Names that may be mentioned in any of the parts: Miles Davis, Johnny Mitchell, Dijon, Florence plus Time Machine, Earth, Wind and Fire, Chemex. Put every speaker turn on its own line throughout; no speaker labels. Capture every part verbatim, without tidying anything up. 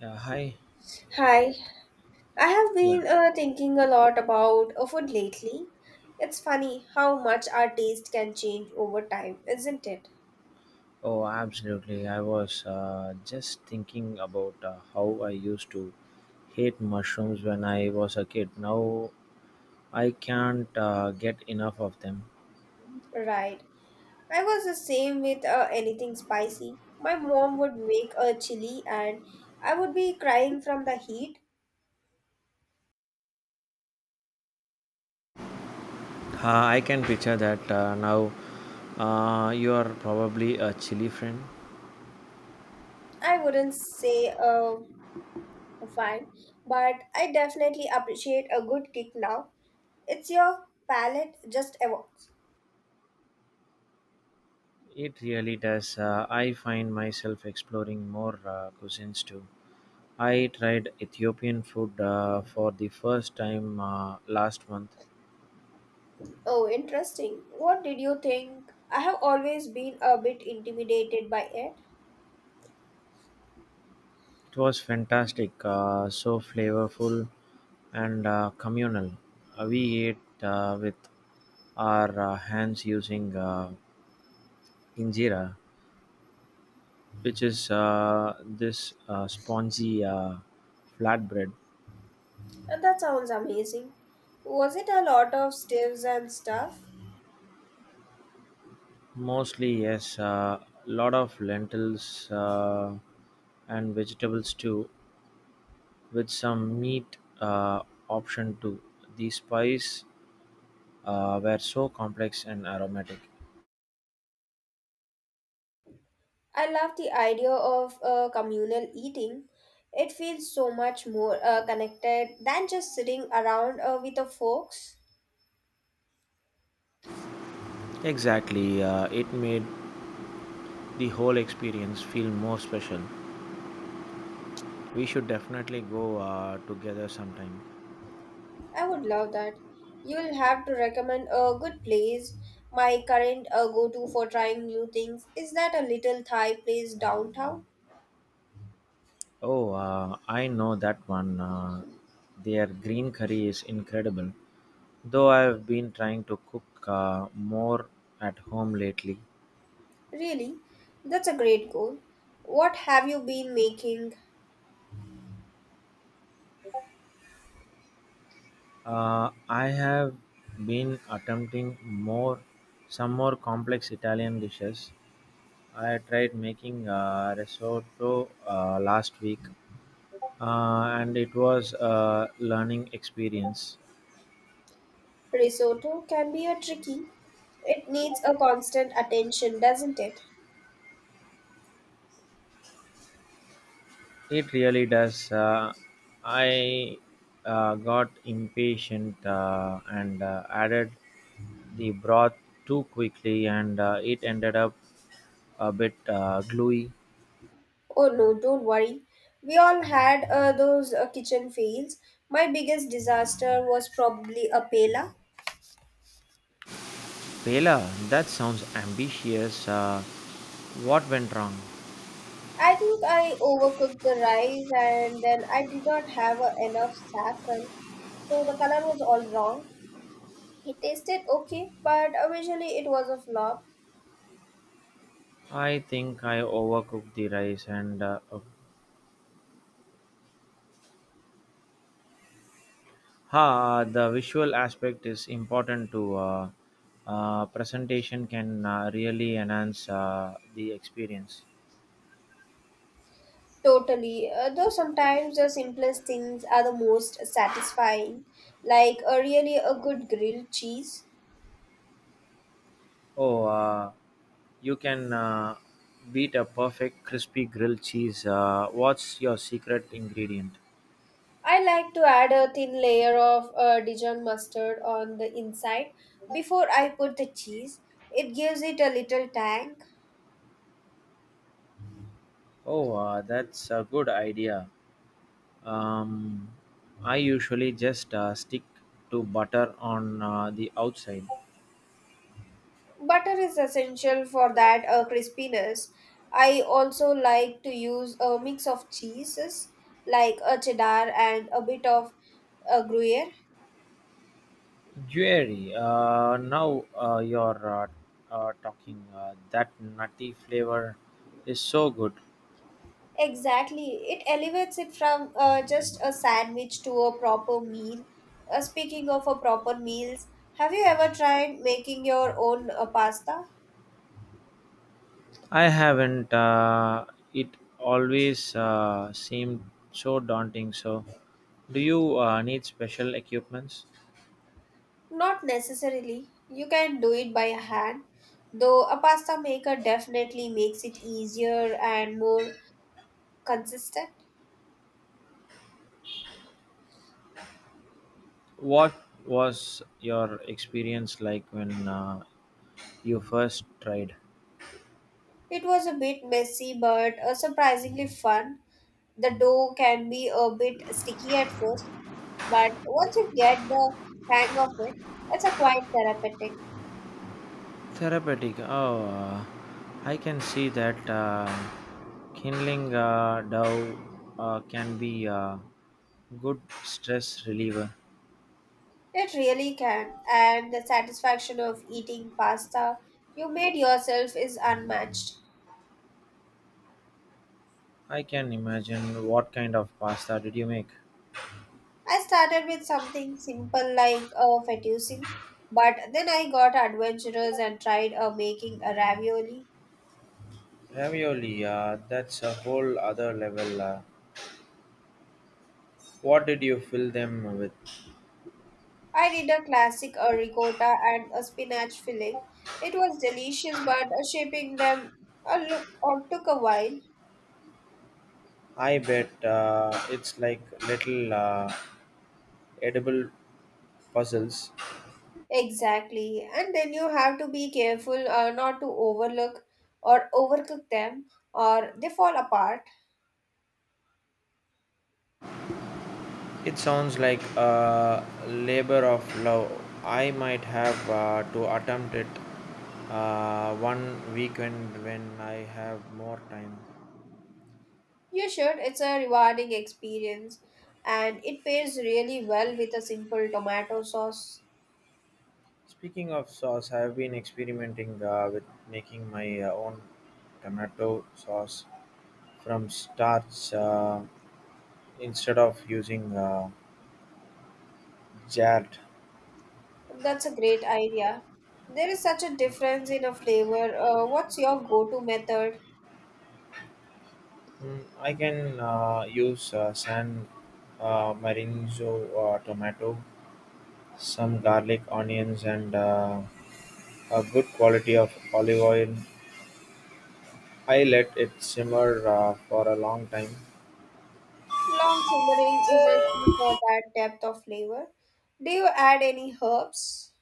Yeah, hi.
Hi, I have
Yeah.
been uh, thinking a lot about uh, food lately. It's funny how much our taste can change over time, isn't it?
Oh, absolutely. I was uh, just thinking about uh, how I used to hate mushrooms when I was a kid. Now I can't uh, get enough of them.
Right. I was the same with uh, anything spicy. My mom would make a chili and I would be crying from the heat.
Uh, I can picture that uh, now. Uh, you are probably a chili friend.
I wouldn't say uh, fine, but I definitely appreciate a good kick now. It's your palate just evolves.
It really does. Uh, I find myself exploring more uh, cuisines too. I tried Ethiopian food uh, for the first time uh, last month.
Oh, interesting. What did you think? I have always been a bit intimidated by it,
It was fantastic, uh, so flavorful and uh, communal. Uh, we ate uh, with our uh, hands using uh, injera, which is uh, this uh, spongy uh, flatbread.
and that sounds amazing. Was it a lot of stiffs and stuff?
Mostly, yes, a lot of lentils uh, and vegetables too, with some meat uh, option too. The spice uh, were so complex and aromatic.
I love the idea of uh, communal eating. It feels so much more uh, connected than just sitting around uh, with the folks.
Exactly, uh, it made the whole experience feel more special. We should definitely go uh, together sometime.
I would love that. You'll have to recommend a good place. My current uh, go to for trying new things is that a little Thai place downtown.
Oh, uh, I know that one. Uh, their green curry is incredible. Though I've been trying to cook uh, more at home lately.
Really, that's a great goal. What have you been making?
Uh, I have been attempting more some more complex Italian dishes. I tried making uh, risotto uh, last week, uh, and it was a learning experience.
Risotto can be a tricky. It needs a constant attention, doesn't it?
It really does. Uh, I uh, got impatient uh, and uh, added the broth too quickly, and uh, it ended up a bit uh, gluey.
Oh no, don't worry. We all had uh, those uh, kitchen fails. My biggest disaster was probably a paella.
Pela, that sounds ambitious. Uh, what went wrong?
I think I overcooked the rice and then I did not have uh, enough saffron, so the color was all wrong. It tasted okay, but uh, visually it was a flop.
I think I overcooked the rice, and uh, uh, ha, the visual aspect is important too. Uh, uh, presentation can uh, really enhance uh, the experience.
Totally. Uh, though sometimes the simplest things are the most satisfying, like a really a good grilled cheese.
Oh, uh, you can uh, beat a perfect crispy grilled cheese. Uh, what's your secret ingredient?
I like to add a thin layer of uh, Dijon mustard on the inside before I put the cheese. It gives it a little tang.
Oh, uh, that's a good idea. Um, I usually just uh, stick to butter on uh, the outside.
Butter is essential for that uh, crispiness. I also like to use a mix of cheeses like a cheddar and a bit of a gruyere.
Jerry, uh, now uh, you're uh, uh, talking. Uh, that nutty flavor is so good.
Exactly. It elevates it from uh, just a sandwich to a proper meal. Uh, speaking of a proper meals, have you ever tried making your own uh, pasta?
I haven't. Uh, it always uh, seemed so daunting. So, do you uh, need special equipments?
Not necessarily. You can do it by hand, though a pasta maker definitely makes it easier and more consistent.
What was your experience like when uh, you first tried?
It was a bit messy but uh, surprisingly fun. The dough can be a bit sticky at first, but once you get the hang of it, it's a quite therapeutic.
Therapeutic. Oh, uh, I can see that uh, kindling uh, dove uh, can be a good stress reliever.
It really can, and the satisfaction of eating pasta you made yourself is unmatched.
I can imagine. What kind of pasta did you make?
I started with something simple like a fettuccine, but then I got adventurous and tried uh, making a ravioli.
Ravioli, uh, that's a whole other level. Uh, what did you fill them with?
I did a classic a ricotta and a spinach filling. It was delicious, but uh, shaping them a look or took a while.
I bet uh, it's like little uh, edible puzzles.
Exactly, and then you have to be careful uh, not to overlook or overcook them, or they fall apart.
It sounds like a labor of love. I might have uh, to attempt it uh, one weekend when I have more time.
You should. It's a rewarding experience, and it pairs really well with a simple tomato sauce.
Speaking of sauce, I have been experimenting uh, with making my uh, own tomato sauce from starch. Uh, instead of using uh, Jart,
That's a great idea. There is such a difference in a flavor. Uh, what's your go-to method?
mm, I can uh, use uh, San uh, Marinzo uh, tomato, some garlic, onions, and uh, a good quality of olive oil. I let it simmer uh, for a long time.
Long simmering is a key for that depth of flavor. Do you add any herbs?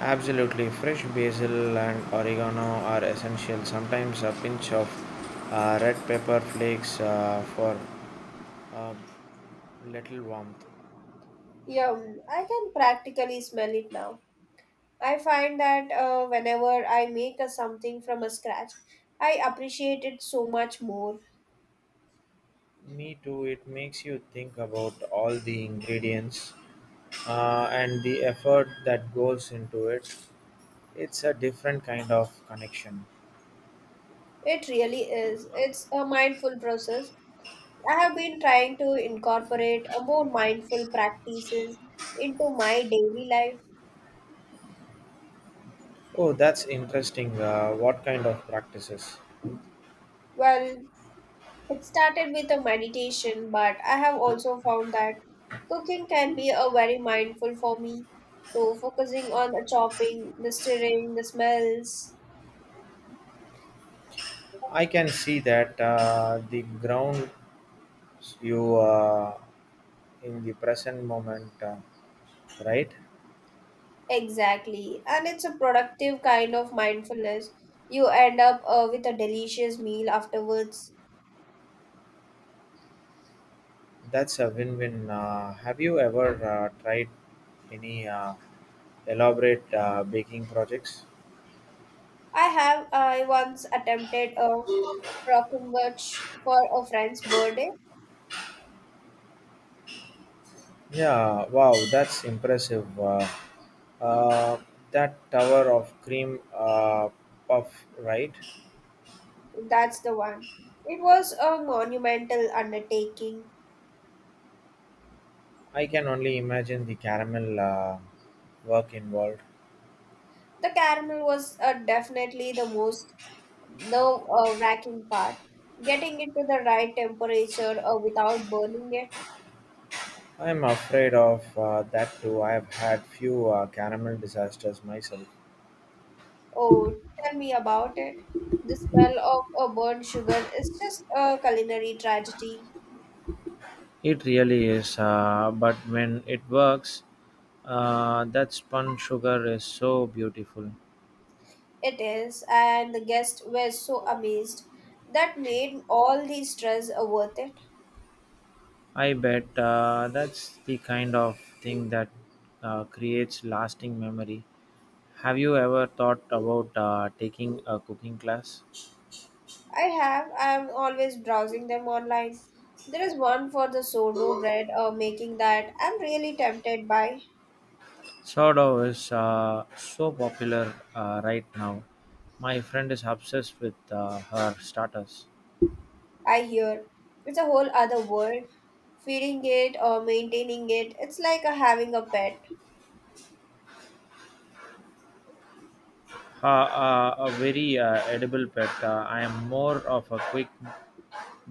Absolutely, fresh basil and oregano are essential. Sometimes a pinch of uh, red pepper flakes uh, for a little warmth.
Yum, I can practically smell it now. I find that uh, whenever I make a something from a scratch, I appreciate it so much more.
Me too. It makes you think about all the ingredients uh, and the effort that goes into it. It's a different kind of connection.
It really is. It's a mindful process. I have been trying to incorporate a more mindful practices into my daily life.
Oh, that's interesting. Uh, what kind of practices?
Well, it started with a meditation, but I have also found that cooking can be a very mindful for me. So focusing on the chopping, the stirring, the smells.
I can see that, uh, the ground you uh, in the present moment, uh, right?
Exactly. And it's a productive kind of mindfulness. You end up uh, with a delicious meal afterwards.
That's a win-win. Uh, have you ever uh, tried any uh, elaborate uh, baking projects?
I have I once attempted a brockenwurst for a friend's birthday.
Yeah, wow, that's impressive. Uh, Uh, that tower of cream uh, puff, right?
That's the one. It was a monumental undertaking.
I can only imagine the caramel uh, work involved.
The caramel was uh, definitely the most nerve-wracking part. Getting it to the right temperature uh, without burning it.
I'm afraid of uh, that too. I've had few uh, caramel disasters myself.
Oh, tell me about it. The smell of uh, burnt sugar is just a culinary tragedy.
It really is, uh, but when it works, uh, that spun sugar is so beautiful.
It is, and the guests were so amazed. That made all the stress uh, worth it.
I bet uh, that's the kind of thing that uh, creates lasting memory. Have you ever thought about uh, taking a cooking class?
I have. I'm always browsing them online. There is one for the sourdough bread uh, making that I'm really tempted by.
Sourdough is uh, so popular uh, right now. My friend is obsessed with uh, her starters.
I hear it's a whole other world. Feeding it or maintaining it, it's like uh, having a pet.
Uh, uh, a very uh, edible pet. Uh, I am more of a quick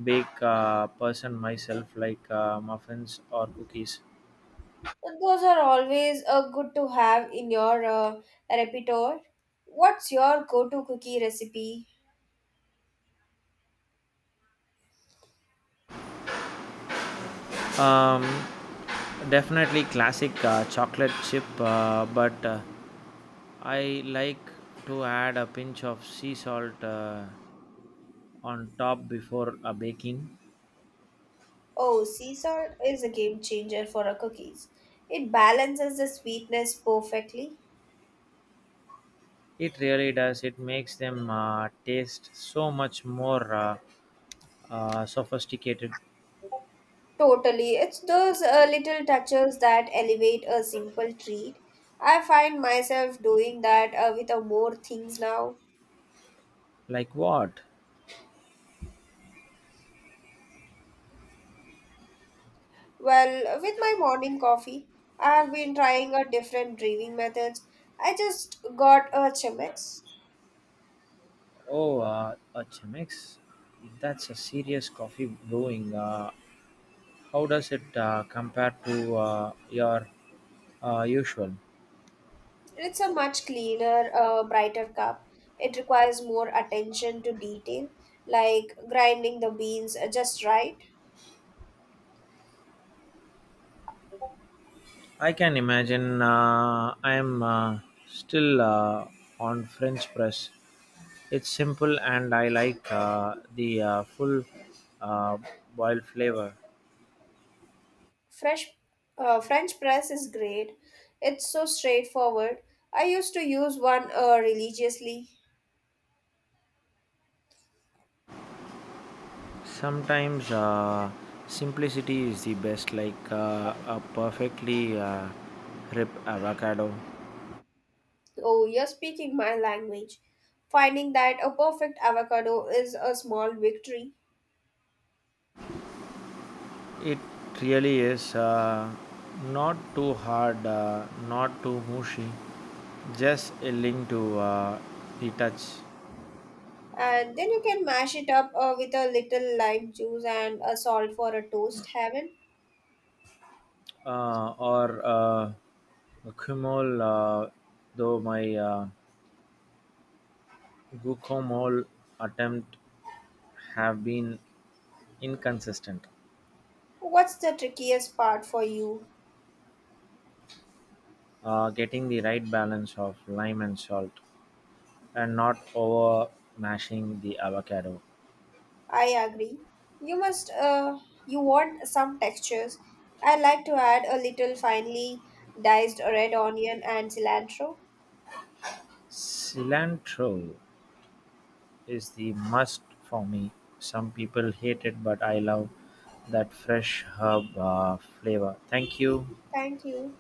bake uh, person myself, like uh, muffins or cookies.
But those are always uh, good to have in your uh, repertoire. What's your go to cookie recipe?
Um, definitely classic uh, chocolate chip, uh, but uh, I like to add a pinch of sea salt Uh, on top before uh, baking.
Oh, sea salt is a game changer for our cookies. It balances the sweetness perfectly.
It really does. It makes them uh, taste so much more uh, uh, sophisticated.
Totally. It's those uh, little touches that elevate a simple treat. I find myself doing that uh, with uh, more things now.
Like what?
Well, with my morning coffee, I have been trying a different brewing methods. I just got a Chemex.
Oh, uh, a Chemex. That's a serious coffee brewing. Uh, how does it uh, compare to uh, your uh, usual?
It's a much cleaner, uh, brighter cup. It requires more attention to detail, like grinding the beans uh, just right.
I can imagine. Uh, I am uh, still uh, on French press. It's simple and I like uh, the uh, full uh, boiled flavor.
Fresh, uh, French press is great. It's so straightforward. I used to use one uh, religiously.
Sometimes uh, simplicity is the best, like uh, a perfectly uh, ripe avocado.
Oh, you're speaking my language. Finding that a perfect avocado is a small victory.
It really is uh, not too hard, uh, not too mushy, just yielding to uh, the touch.
And then you can mash it up uh, with a little lime juice and a salt for a toast heaven.
Uh, or uh, guacamole, uh, though my uh, guacamole attempt have been inconsistent,
What's the trickiest part for you?
uh, getting the right balance of lime and salt, and not over mashing the avocado.
I agree. You must uh, you want some textures. I like to add a little finely diced red onion and cilantro.
Cilantro is the must for me. Some people hate it, but I love that fresh herb uh, flavor. Thank you.
Thank you.